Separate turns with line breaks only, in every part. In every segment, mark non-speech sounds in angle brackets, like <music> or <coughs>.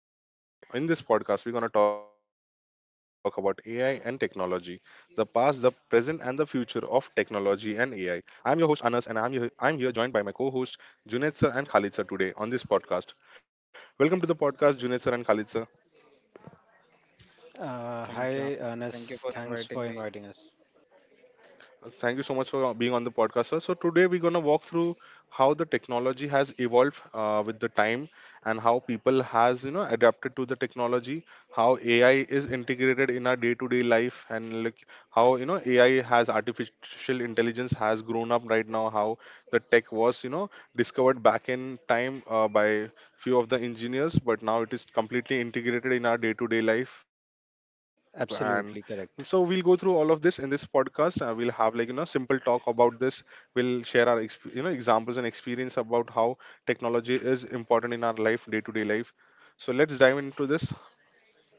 Hello, everybody. Welcome to the podcast. And In this podcast, we're going to talk about AI and technology, the past, the present, and the future of technology and AI. I'm your host, Anas, and I'm here joined by my co host, Junaid sir and Khalid sir, today on this podcast. Welcome to the podcast, Junaid sir and Khalid sir.
Hi,
Thank you. Thank you
Anas.
for
Thanks for
inviting me.
inviting us.
Thank you so much for being on the podcast, sir. So today we're gonna walk through how the technology has evolved with the time, and how people has adapted to the technology, how AI is integrated in our day-to-day life, and like how AI has artificial intelligence has grown up right now, how the tech was discovered back in time by few of the engineers, but now it is completely integrated in our day-to-day life. And so we'll go through
Absolutely
all of
correct.
this in this podcast. We'll have like simple talk about this. We'll share our examples and experience about how technology is important in our life, day to day life. So let's dive into this.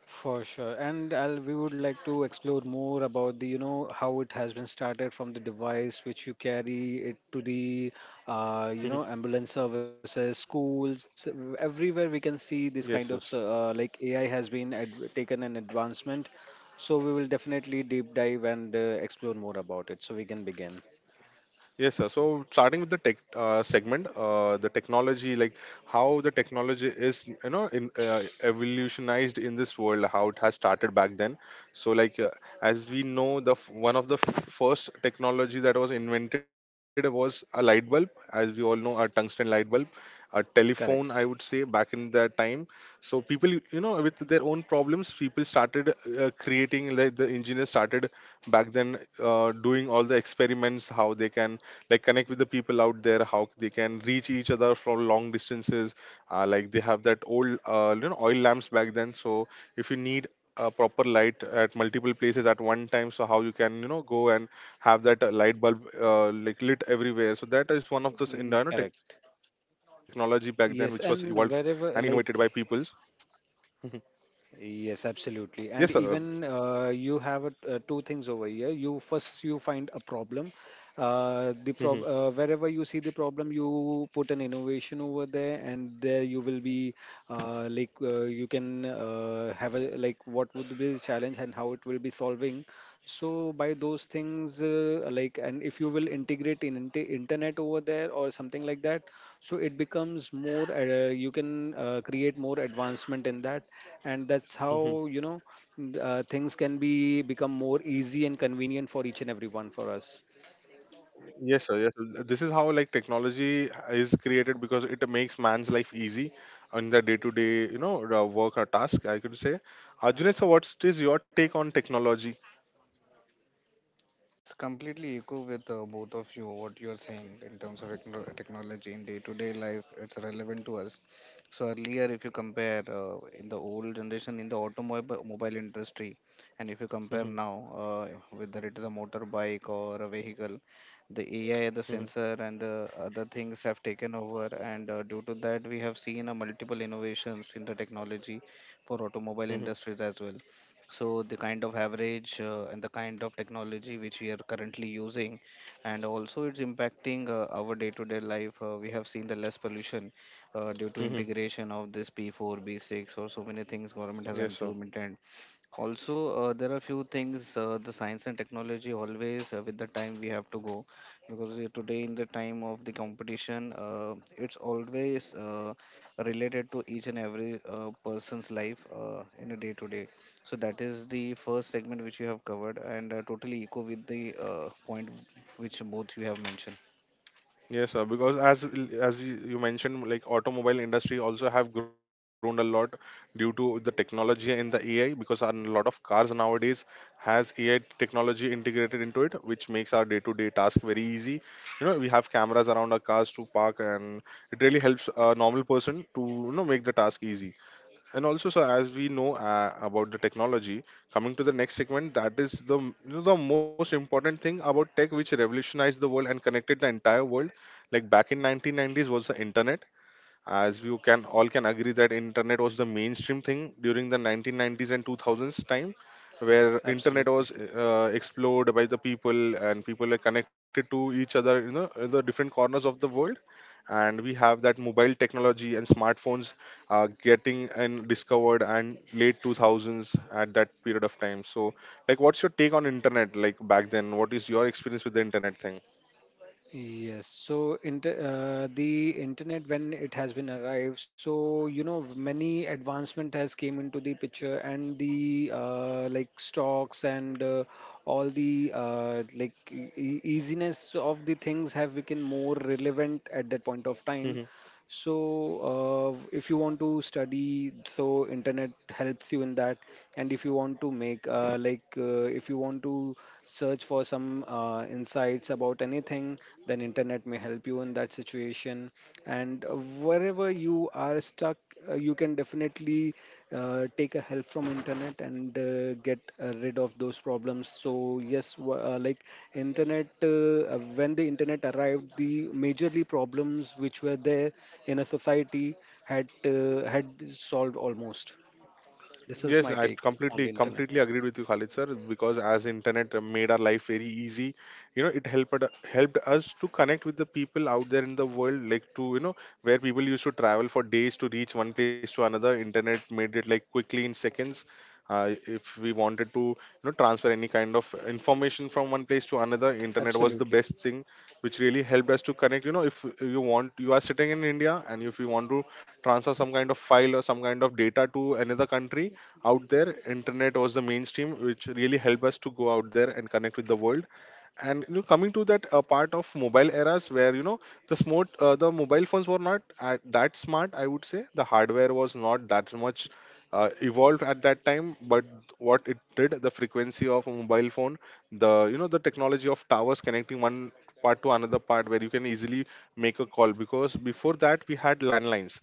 For sure. And we would like to explore more about the, you know, how it has been started from the device which you carry it to
Hmm.
the, you know, ambulance services, schools, everywhere we can
Yes,
see
yes.
this kind of, like AI has been adv taken an advancement. So we will definitely deep dive and explore more about it so we can begin.
Yes, sir. So starting with the tech segment, the technology, like how the technology is, you know, in evolutionized in this world, how it has started back then. So, like uh, as we know, the one of the first technology that was invented was a light bulb, as we all know, a tungsten light bulb, a telephone, I would say,
Correct.
back in that time. So people, you know, with their own problems, people started creating, like the engineers started back then doing all the experiments, how they can like connect with the people out there, how they can reach each other from long distances. Like, they have that old oil lamps back then. So if you need a proper light at multiple places at one time, so how you can go and have that light bulb like lit everywhere. So that is one of those
Mm, correct.
technology back then, which was evolved
Yes,
and innovated
and
by
wherever,
peoples.
like,
<laughs>
yes,
Yes, sir.
absolutely. And even you have two things over here. You, first you find a problem. The
Mhm.
prob Wherever you see the problem, you put an innovation over there, and there you will be you can have a like what would be the challenge and how it will be solving. So by those things, like and if you will integrate in internet over there or something like that, so it becomes more you can create more advancement in that, and that's how
Mhm.
you know things can be become more easy and convenient for each and every one for us.
Yes, sir. Yes, sir. This is how, like, technology is created, because it makes man's life easy in the day-to-day, you know, work or task, I could say. Arjun, sir, what is your take on technology?
It's completely echo with both of you what you're saying in terms of technology in day-to-day life. It's relevant to us. So earlier, if you compare in the old generation in the automobile mobile industry, and if you compare
Mhm.
now, whether it is a motorbike or a vehicle, the AI, the
Mhm.
sensor, and the other things have taken over. And due to that, we have seen multiple innovations in the technology for automobile
Mhm.
industries as well. So the kind of average and the kind of technology which we are currently using, and also it's impacting our day-to-day life. We have seen the less pollution due to
Mhm.
integration of this p4 b6 or so many things government has
Yes, sir.
implemented. Also, there are few things. The science and technology, always with the time we have to go, because today in the time of the competition, it's always related to each and every person's life, in a day to day. So that is the first segment which you have covered, and totally echo with the point which both you have mentioned.
Yes, sir. Because as as you mentioned, like automobile industry also have grown a lot due to the technology and the AI. Because a lot of cars nowadays has AI technology integrated into it, which makes our day-to-day task very easy. You know, we have cameras around our cars to park, and it really helps a normal person to make the task easy. And also, so as we know about the technology, coming to the next segment, that is the, you know, the most important thing about tech which revolutionized the world and connected the entire world, like back in 1990s was the internet. As you can all can agree that internet was the mainstream thing during the 1990s and 2000s time, where internet
Absolutely.
was explored by the people and people are connected to each other, you know, in the different corners of the world. And we have that mobile technology and smartphones getting and discovered and late 2000s at that period of time. So like, what's your take on internet, like back then, what is your experience with the internet thing?
Yes, so inter the internet when it has been arrived, so you know many advancement has came into the picture, and the like stocks, and all the like easiness of the things have become more relevant at that point of time. So if you want to study, so internet helps you in that, and if you want to make like if you want to search for some insights about anything, then internet may help you in that situation. And wherever you are stuck, you can definitely take a help from internet and get rid of those problems. So yes, like internet when the internet arrived, the majorly problems which were there in a society had solved almost. This is
Yes,
my
I
take on the
completely
internet.
completely agreed with you, Khalid sir, because as internet made our life very easy, you know, it helped us to connect with the people out there in the world, like, to you know, where people used to travel for days to reach one place to another. Internet made it like quickly in seconds. If we wanted to, you know, transfer any kind of information from one place to another, internet was the
Absolutely
best thing which really helped us to connect. You know, if you want, you are sitting in india, and if you want to transfer some kind of file or some kind of data to another country out there, internet was the mainstream which really helped us to go out there and connect with the world. And you know, coming to that part of mobile eras, where you know, the smart the mobile phones were not that smart, I would say, the hardware was not that much evolved at that time, but what it did, the frequency of a mobile phone, the you know, the technology of towers connecting one part to another part, where you can easily make a call, because before that we had landlines,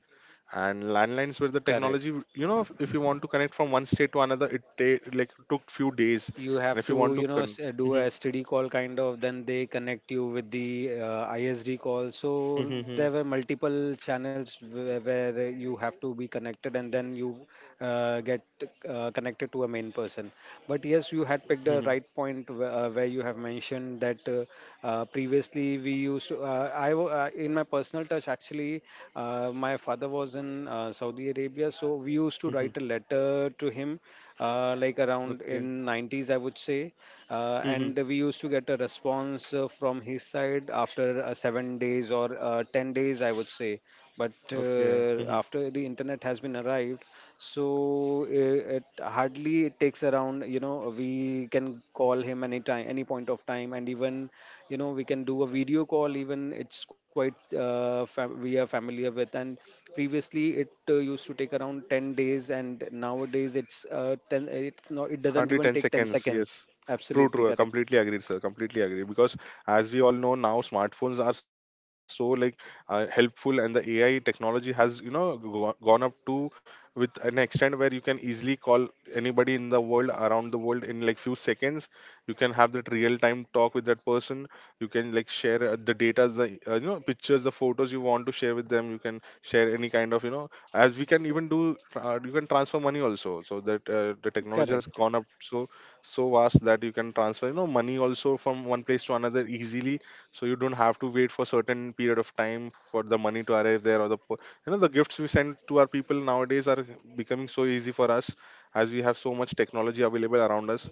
and landlines were the
correct.
technology. You know, if you want to connect from one state to another, it like took few days.
You
And
have
if you
to,
want to
you know,
con-
do a STD call kind of, then they connect you with the ISD call. So there were multiple channels where you have to be connected, and then you get connected to a main person. But yes, you had picked the right point where you have mentioned that, previously we used to, in my personal touch actually, my father was in Saudi Arabia, so we used to write a
<laughs>
letter to him like around in 90s I would say, and we used to get a response from his side after 7 days or 10 days I would say. But
okay <laughs> okay.
after the internet has been arrived, so it hardly it takes around, you know, we can call him any time, any point of time, and even, you know, we can do a video call even. It's quite we are familiar with. And previously it used to take around 10 days, and nowadays it's 10, it, no, it doesn't
Hardly
even
10
take 10
seconds,
seconds.
yes. True,
Absolutely
true. I
correct.
completely agree, sir. Completely agree. Because as we all know now, smartphones are so like helpful, and the AI technology has you know gone up to with an extent where you can easily call anybody in the world around the world in like few seconds. You can have that real time talk with that person. You can like share the data, the pictures, the photos you want to share with them. You can share any kind of you know, as we can even do you can transfer money also. So that the technology has
Correct.
gone up so so vast that you can transfer you know money also from one place to another easily. So you don't have to wait for certain period of time for the money to arrive there. Or the po- you know, the gifts we send to our people nowadays are becoming so easy for us, as we have so much technology available around us.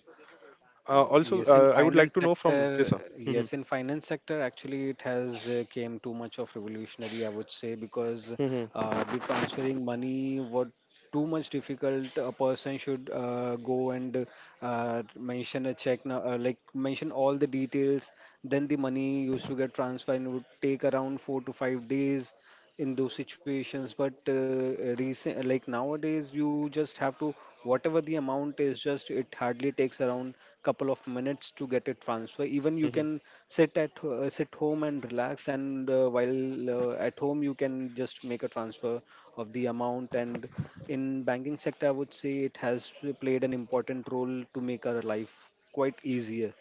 Also
Yes, in
I would
finance
like to know from, yes
sector,
sir. <laughs>
yes, in finance sector, actually it has came too much of revolutionary, I would say, because
Mhm.
the transferring money what too much difficult. A person should go and mention a check, now, mention all the details. Then the money used to get transferred and would take around 4 to 5 days in those situations. But recent like nowadays, you just have to, whatever the amount is, just it hardly takes around couple of minutes to get it transfer.
Mhm.
Even you can sit home and relax, and while at home you can just make a transfer of the amount. And in banking sector, I would say it has played an important role to make our life quite easier.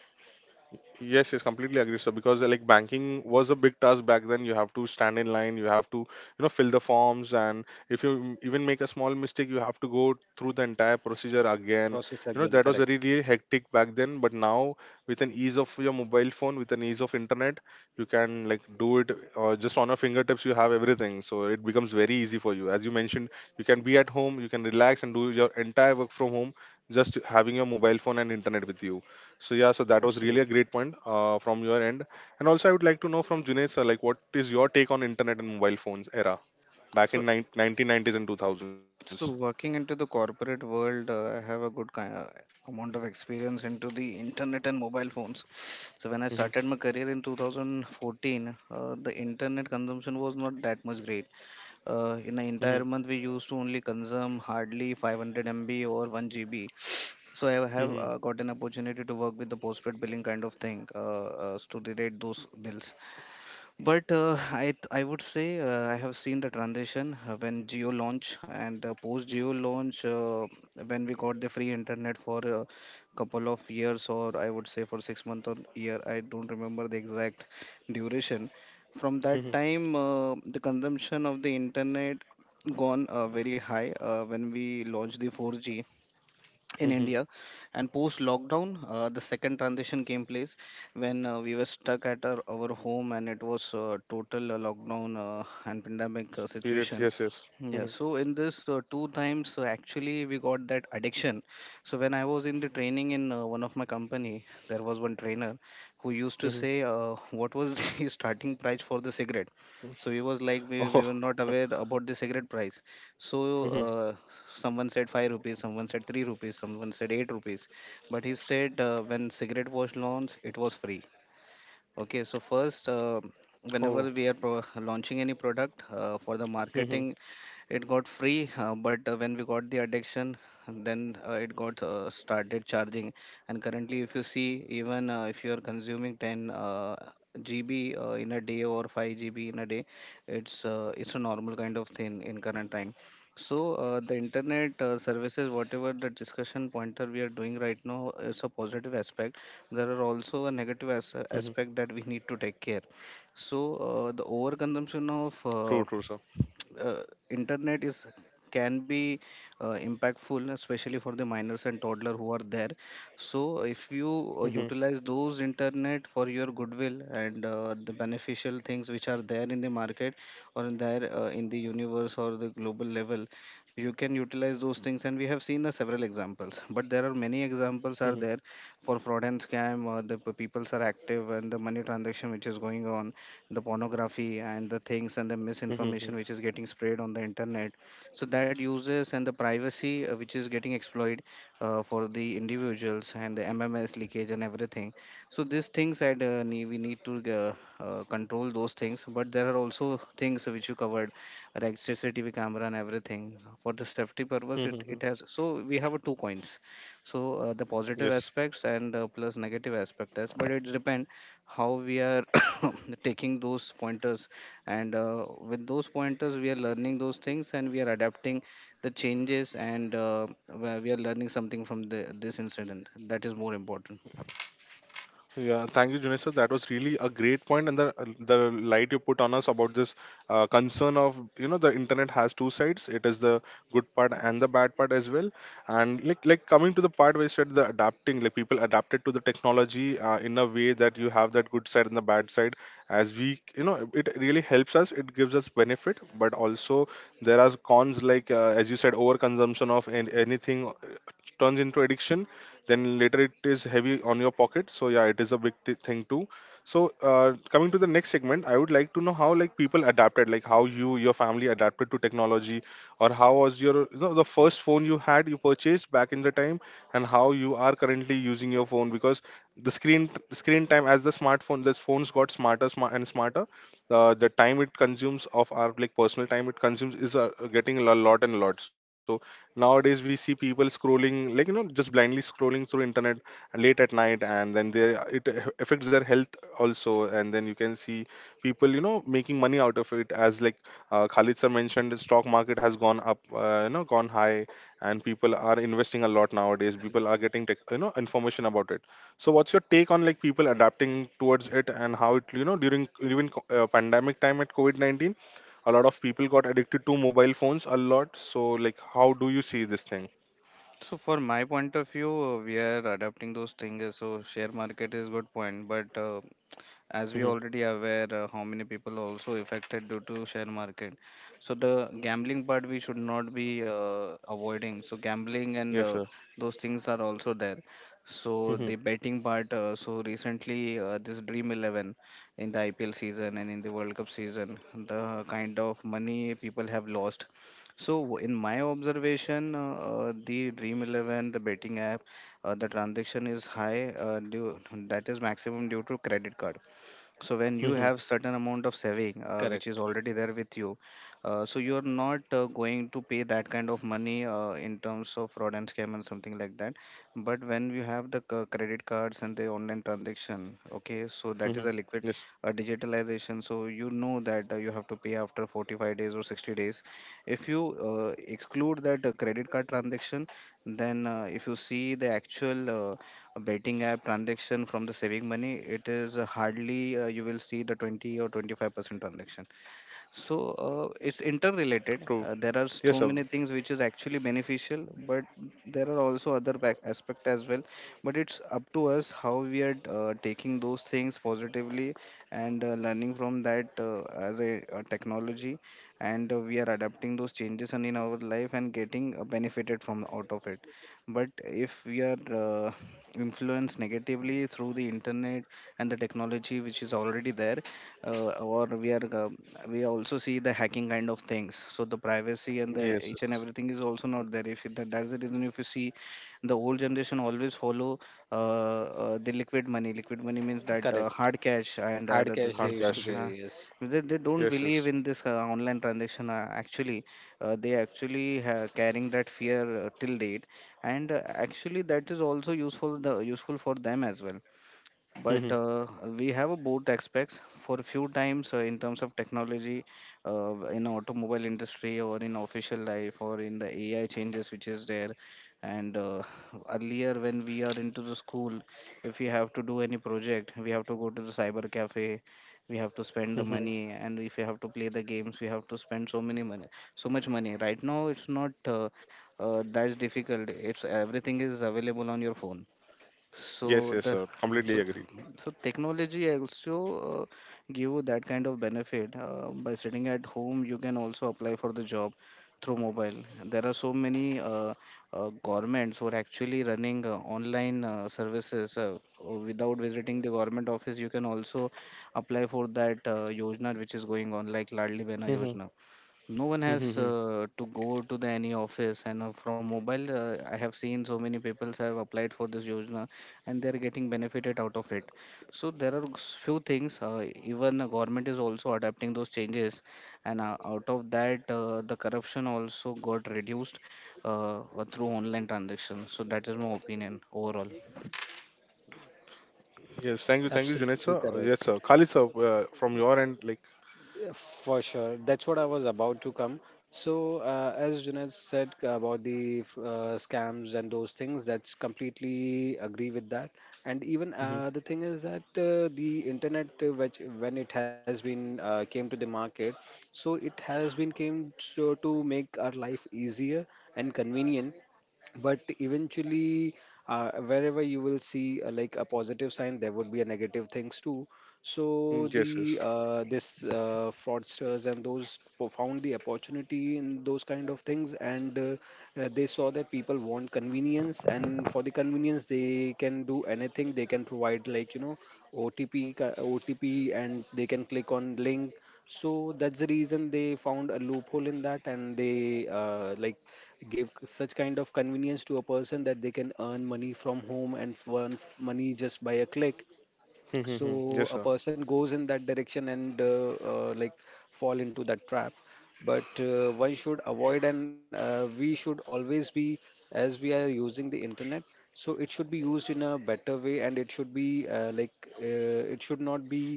Yes, yes, completely agree, sir. Because like banking was a big task back then. You have to stand in line, you have to, you know, fill the forms, and if you even make a small mistake, you have to go through the entire procedure again.
Process
You know,
again,
that was very,
correct.
really hectic back then. But now, with an ease of your mobile phone, with an ease of internet, you can like do it just on your fingertips. You have everything, so it becomes very easy for you. As you mentioned, you can be at home, you can relax and do your entire work from home, just having your mobile phone and internet with you. So yeah, so that was really a
Absolutely
great point from your end. And also, I would like to know from Junaid sir, like, what is your take on internet and mobile phones era back in
So
1990s and 2000s?
So working into the corporate world, I have a good kind of amount of experience into the internet and mobile phones. So when I
Mhm,
started my career in 2014, the internet consumption was not that much great. In an
mhm,
entire month, we used to only consume hardly 500 MB or 1 GB. So I have
mhm,
got an opportunity to work with the postpaid billing kind of thing, to relate those bills. But I would say I have seen the transition when Geo launch, and post Geo launch, when we got the free internet for a couple of years, or I would say for 6 months or year, I don't remember the exact duration. From that
mhm,
time, the consumption of the internet gone very high when we launched the 4G in
mhm.
India. And post lockdown, the second transition came place when we were stuck at our home, and it was total lockdown and pandemic
Period.
situation.
Yes, yes.
Yeah,
Mhm,
so in this two times, actually, we got that addiction. So when I was in the training in one of my company, there was one trainer who used to
mhm.
say, "What was <laughs> the starting price for the cigarette?" So we was like,
<laughs>
we
Oh,
were not aware about the cigarette price. So
mhm,
someone said 5 rupees, someone said 3 rupees, someone said 8 rupees, but he said when cigarette was launched it was free. Okay, so first, whenever
oh.
we are pro launching any product, for the
Mhm,
marketing, it got free, but when we got the addiction, then it got started charging. And currently, if you see, even if you are consuming 10 GB in a day, or 5 GB in a day, it's a normal kind of thing in current time. So the internet services, whatever the discussion pointer we are doing right now, is a positive aspect. There are
mhm.
also a negative aspect that we need to take care. So the
True,
overconsumption
true,
of
sir.
uh, internet is, can be impactful, especially for the minors and toddler who are there. So if you
Mhm,
utilize those internet for your goodwill and the beneficial things which are there in the market, or in there in the universe or the global level, you can utilize those things. And we have seen several examples, but there are many examples
mhm,
are there for fraud and scam. The peoples are active, and the money transaction which is going on, the pornography and the things, and the
mhm,
misinformation
mhm,
which is getting spread on the internet. So that uses and the privacy which is getting exploited, for the individuals and the mms leakage and everything. So these things that we need to control those things. But there are also things which you covered, like cctv camera and everything, for the safety purpose,
mhm.
it has. So we have two coins. So the positive
Yes.
aspects and plus negative aspect as, but it depends how we are <coughs> taking those pointers, and with those pointers we are learning those things, and we are adapting the changes, and where we are learning something from this incident, that is more important.
Yeah, thank you, Junesha. That was really a great point, and the the light you put on us about this concern of you know the internet has two sides. It is the good part and the bad part as well. And like coming to the part where you said the adapting, like people adapted to the technology in a way that you have that good side and the bad side. As we you know, it really helps us. It gives us benefit, but also there are cons like as you said, overconsumption of an anything turns into addiction, then later it is heavy on your pocket. So yeah, it is a big thing too. So coming to the next segment, I would like to know how, like, people adapted, like how you, your family adapted to technology, or how was your, you know, the first phone you had, you purchased back in the time, and how you are currently using your phone. Because the screen time, as the smartphone, the phones got smarter and smarter, the time it consumes of our, like, personal time it consumes is getting a lot and a lot. So nowadays we see people scrolling, like, you know, just blindly scrolling through internet late at night, and then they, it affects their health also. And then you can see people, you know, making money out of it, as like Khalid sir mentioned the stock market has gone up, you know, gone high, and people are investing a lot. Nowadays people are getting tech, you know, information about it. So what's your take on, like, people adapting towards it, and how it, you know, during even pandemic time at COVID-19 a lot of people got addicted to mobile phones a lot. So, like, how do you see this thing?
So for my point of view, we are adapting those things. So share market is good point, but as we
Mhm.
already aware how many people also affected due to share market. So the gambling part we should not be avoiding. So gambling and
Yes sir.
those things are also there. So
Mhm.
the betting part, so recently, this dream 11 in the ipl season and in the world cup season, the kind of money people have lost. So in my observation, the Dream 11, the betting app, the transaction is high. That is maximum due to credit card. So when
Mhm.
you have certain amount of saving which is
correct.
already there with you, so you're not going to pay that kind of money in terms of fraud and scam and something like that. But when you have the credit cards and the online transaction, okay, so that is
Mhm.
a liquid
Yes.
digitalization. So you know that you have to pay after 45 days or 60 days. If you exclude that credit card transaction, then if you see the actual, a betting app transaction from the saving money, it is hardly you will see the 20 or 25% transaction. So
True.
it's
Yes sir.
interrelated. There are so many things which is actually beneficial, but there are also other back aspect as well. But it's up to us how we are taking those things positively, and learning from that, as a technology, and we are adapting those changes and in our life, and getting benefited from out of it. But if we are influenced negatively through the internet and the technology which is already there, or we are we also see the hacking kind of things. So the privacy and the
Yes.
each
Yes.
and everything is also not there. If that's the reason, if you see, the old generation always follow the liquid money, liquid money means that
Correct.
hard cash, and
Hard
the
cash
Hard
they
things.
used
cash.
to carry,
uh,
yes.
they don't
Yes, yes.
believe in this online transaction, actually. They actually carrying that fear till date. And actually that is also useful, the useful for them as well.
Mhm.
But we have a both aspects for a few times in terms of technology, in automobile industry, or in official life, or in the ai changes which is there. And earlier when we are into the school, if we have to do any project we have to go to the cyber cafe. We have to spend the
Mhm.
money, and if we have to play the games we have to spend so many money, so much money. Right now it's not that's difficult, it's everything is available on your phone.
Yes,
so
yes
the
sir. Completely
so
agree.
th- so technology also give you that kind of benefit. By sitting at home, you can also apply for the job through mobile. There are so many governments who are actually running online services, without visiting the government office. You can also apply for that yojana which is going on, like Ladli Behna
Mhm.
Yojana. No one has
Mhm.
to go to the any office, and from mobile, I have seen so many people have applied for this yojana, and they are getting benefited out of it. So there are few things, even the government is also adapting those changes, and out of that the corruption also got reduced, through online transaction. So that is my opinion overall.
Yes. Thank you. Thank you, Junaid
Absolutely
sir.
correct.
Yes sir. Khalid sir, from your end, like,
Yeah, for sure. That's what I was about to come. So, as Junaid said about the scams and those things, that's completely agree with that. And even
mhm.
the thing is that the internet, which when it has been came to the market, so it has been came to make our life easier and convenient. But eventually, wherever you will see like a positive sign, there would be a negative things too. So
Mm, yes, yes.
the this fraudsters and those found the opportunity in those kind of things, and they saw that people want convenience, and for the convenience they can do anything. They can provide, like, you know, OTP, and they can click on link. So that's the reason they found a loophole in that, and they like such kind of convenience to a person that they can earn money from home and money just by a click.
Mhm. Mhm. Yes
So a
sir.
person goes in that direction, and like fall into that trap. But one should avoid, and we should always be, as we are using the internet, so it should be used in a better way. And it should be it should not be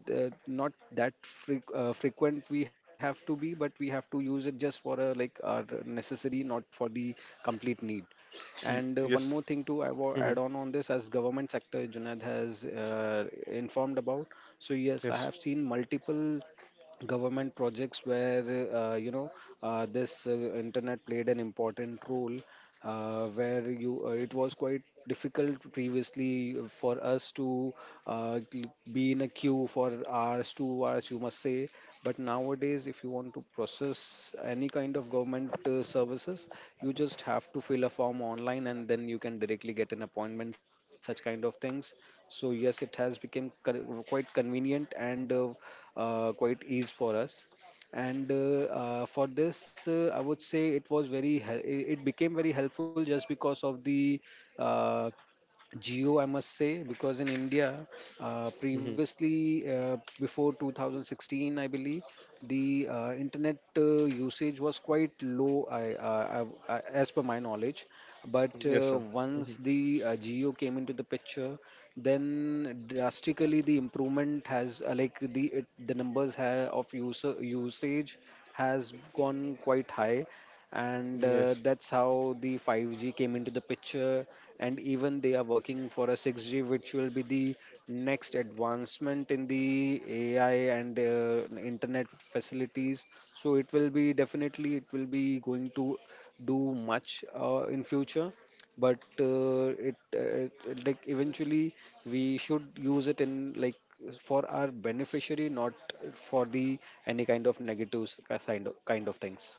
not that frequent we have to be, but we have to use it just for a like our necessary, not for the complete need. And one
Yes.
more thing to
Hmm.
add on this, as government sector Junaid has informed about. So yes, I
Yes.
have seen multiple government projects where, you know, this internet played an important role, where you it was quite difficult previously for us to be in a queue for hours, 2 hours you must say. But nowadays if you want to process any kind of government services, you just have to fill a form online, and then you can directly get an appointment, such kind of things. So yes, it has become quite convenient and quite ease for us. And for this I would say it was it became very helpful just because of the uh, Geo, I must say. Because in India,
Hmm.
previously, before 2016, I believe, the internet usage was quite low, I, as per my knowledge. But
Yes sir.
once
Hmm.
the Geo came into the picture, then drastically the improvement has, like the of user usage has gone quite high, and
Yes.
that's how the 5G came into the picture, and even they are working for a 6G, which will be the next advancement in the AI and internet facilities. So it will be definitely, it will be going to do much in future. But it like eventually we should use it in like for our beneficiary, not for the any kind of negatives kind of things.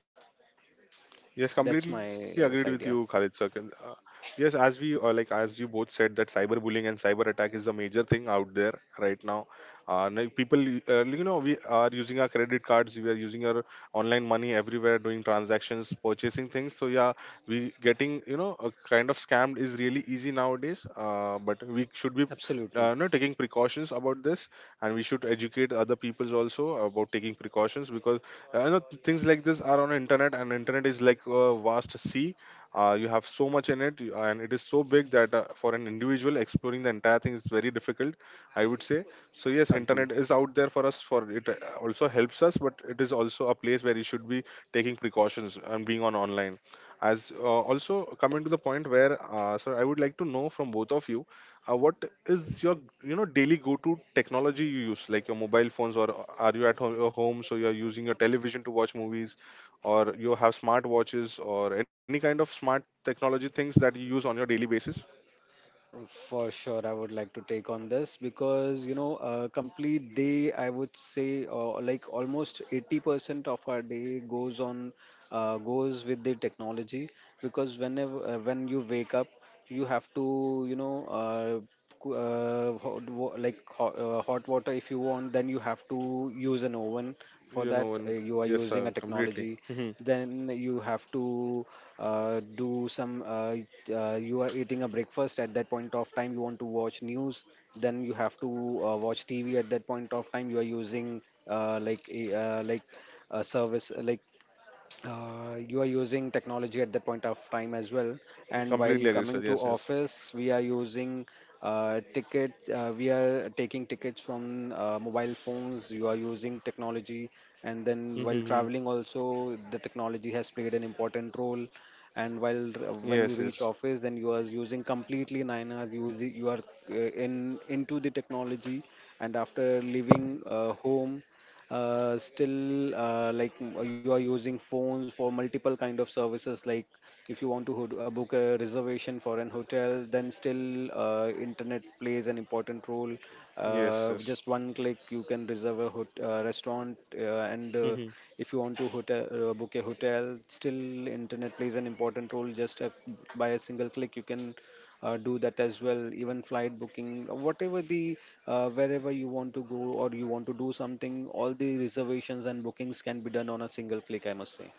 Yes,
That's
completely
my
agreed with you,
side. Yeah,
Khalid Sakil. Yes, as we like, as you both said, that cyberbullying and cyber attack is the major thing out there right now. Now people, you know, we are using our credit cards, we are using our online money everywhere, doing transactions, purchasing things. So yeah, we getting, you know, a kind of scammed is really easy nowadays. But we should be
absolutely
you know, taking precautions about this, and we should educate other peoples also about taking precautions. Because I know things like this are on internet, and internet is like a vast sea. You have so much in it, and it is so big that for an individual exploring the entire thing is very difficult, I would say. So yes,
agree.
internet is out there for us. For it also helps us, but it is also a place where you should be taking precautions and being on online. As also coming to the point where, sir, I would like to know from both of you what is your, you know, daily go to technology you use, like your mobile phones, or are you at home, your home, so you're using your television to watch movies, or you have smart watches or any kind of smart technology things that you use on your daily basis.
For sure, I would like to take on this because, you know, a complete day, I would say, like almost 80% of our day goes with the technology. Because when you wake up, you have to, you know, hot, hot, hot water if you want, then you have to use an oven. For
You
that,
know. And
you are
yes
using
sir,
a
completely.
technology.
Mhm.
Then you have to do some. You are eating a breakfast at that point of time, you want to watch news, then you have to watch TV at that point of time, you are using like a service, like, you are using technology at that point of time as well. And while
Completely agree sir,
coming to
yes, yes.
office, we are using tickets we are taking tickets from mobile phones, you are using technology. And then
Mhm.
while
Mhm.
traveling also, the technology has played an important role. And while
Yes,
when
yes.
you reach office, then you are using completely 9 hours, you are uh, in into the technology. And after leaving home, still, you are using phones for multiple kind of services, like if you want to book a reservation for an hotel, then still internet plays an important role.
Yes,
With
yes.
just one click you can reserve a restaurant, and
Mhm.
if you want to hotel book a hotel, still internet plays an important role. By a single click you can do that as well. Even flight booking, whatever the, wherever you want to go or you want to do something, all the reservations and bookings can be done on a single click, I must say.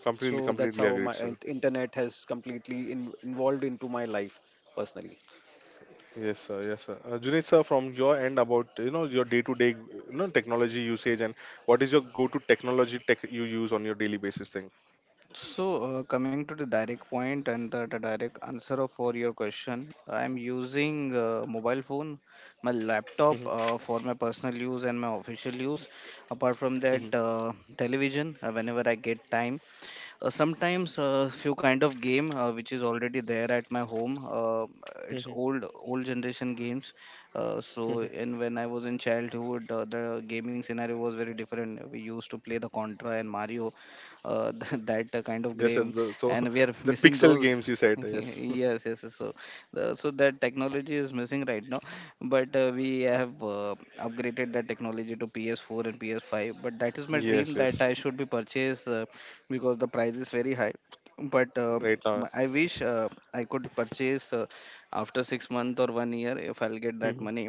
Completely,
So that's
completely
how
agreed
my
sir.
internet has completely involved into my life personally.
Yes, sir. Yes, sir. Junaid, sir, from your end about, you know, your day-to-day, you know, technology usage, and what is your go-to technology tech you use on your daily basis thing?
So, coming to the direct point, and the direct answer for your question, I'm using mobile phone, my laptop,
Mhm.
for my personal use and my official use. Apart from
Mhm.
that, television, whenever I get time, sometimes a few kind of game, which is already there at my home. It's
Mhm.
old generation games. So
Mhm.
in when I was in childhood, the gaming scenario was very different. We used to play the contra and mario, uh, <laughs> that kind of
Yes, sir.
game,
The, so
and we are
<laughs> the
missing
pixel
those.
games you said.
<laughs>
Yes. <laughs>
Yes, yes, yes. So that technology is missing right now. But we have upgraded that technology to PS4 and PS5, but that is my dream,
Yes.
that
Yes.
I should be purchased, because the price is very high. But
Right now.
I wish I could purchase after 6 months or one year if I'll get that
Mhm.
money.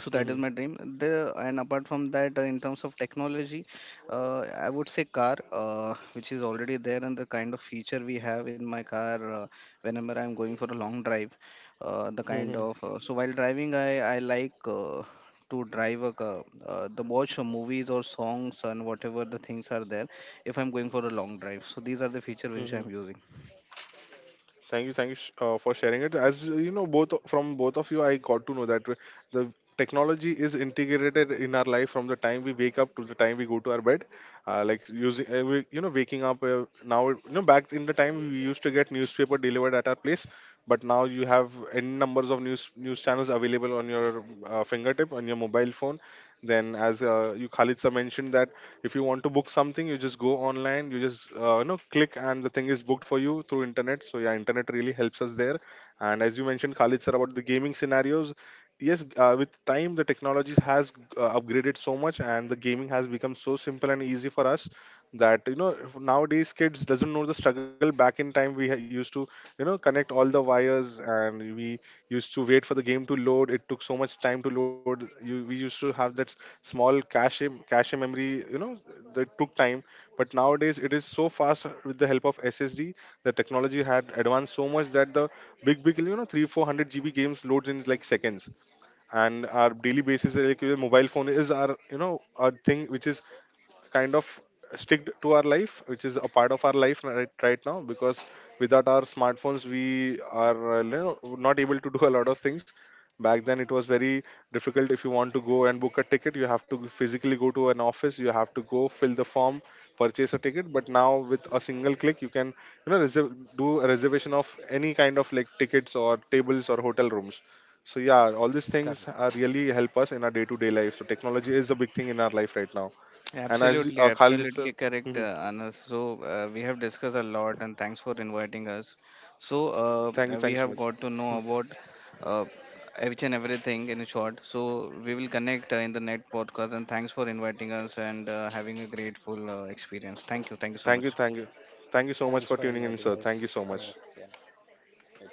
So that is my
Mhm.
dream. The and apart from that, in terms of technology, I would say car, which is already there, and the kind of feature we have in my car, whenever I'm going for a long drive, the kind
Mhm.
of, so while driving I like, to drive a car, the watch movies or songs and whatever the things are there, if I'm going for a long drive. So these are the feature which I'm
Mhm.
using.
Thank you for sharing it. As you know, both from both of you, I got to know that the technology is integrated in our life from the time we wake up to the time we go to our bed. Like using, you know, waking up now. You know, back in the time we used to get newspaper delivered at our place, but now you have n numbers of news channels available on your fingertip on your mobile phone. Then, as you, Khalid sir, mentioned that if you want to book something, you just go online, you just you know, click, and the thing is booked for you through internet. So yeah, internet really helps us there. And as you mentioned, Khalid sir, about the gaming scenarios, yes, with time the technologies has upgraded so much, and the gaming has become so simple and easy for us, that, you know, if nowadays kids doesn't know the struggle. Back in time we used to, you know, connect all the wires, and we used to wait for the game to load. It took so much time to load. You, we used to have that small cache memory, you know, that took time. But nowadays it is so fast with the help of SSD. The technology had advanced so much that the big big, you know, 3 400 GB games loads in like seconds. And our daily basis, like your mobile phone, is our, you know, our thing which is kind of stick to our life, which is a part of our life right, right now. Because without our smartphones we are, you know, not able to do a lot of things. Back then it was very difficult. If you want to go and book a ticket, you have to physically go to an office, you have to go fill the form, purchase a ticket. But now with a single click you can, you know, reserve, do a reservation of any kind of, like, tickets or tables or hotel rooms. So yeah, all these things are
Correct.
really help us in our day to day life. So technology is a big thing in our life right now. And as
Absolutely,
Khalid sir,
absolutely
<laughs>
correct, Anas. So we have discussed a lot, and thanks for inviting us. So
thank you
we
so
have
much.
got to know about uh, each and everything in short. So we will connect in the next podcast, and thanks for inviting us, and having a grateful experience. Thank you so
Thank you,
much.
thank you. Thank you so much
Thanks
for
for
tuning in,
inviting
sir. Thank you
us,
so much.
Anas. Yeah, it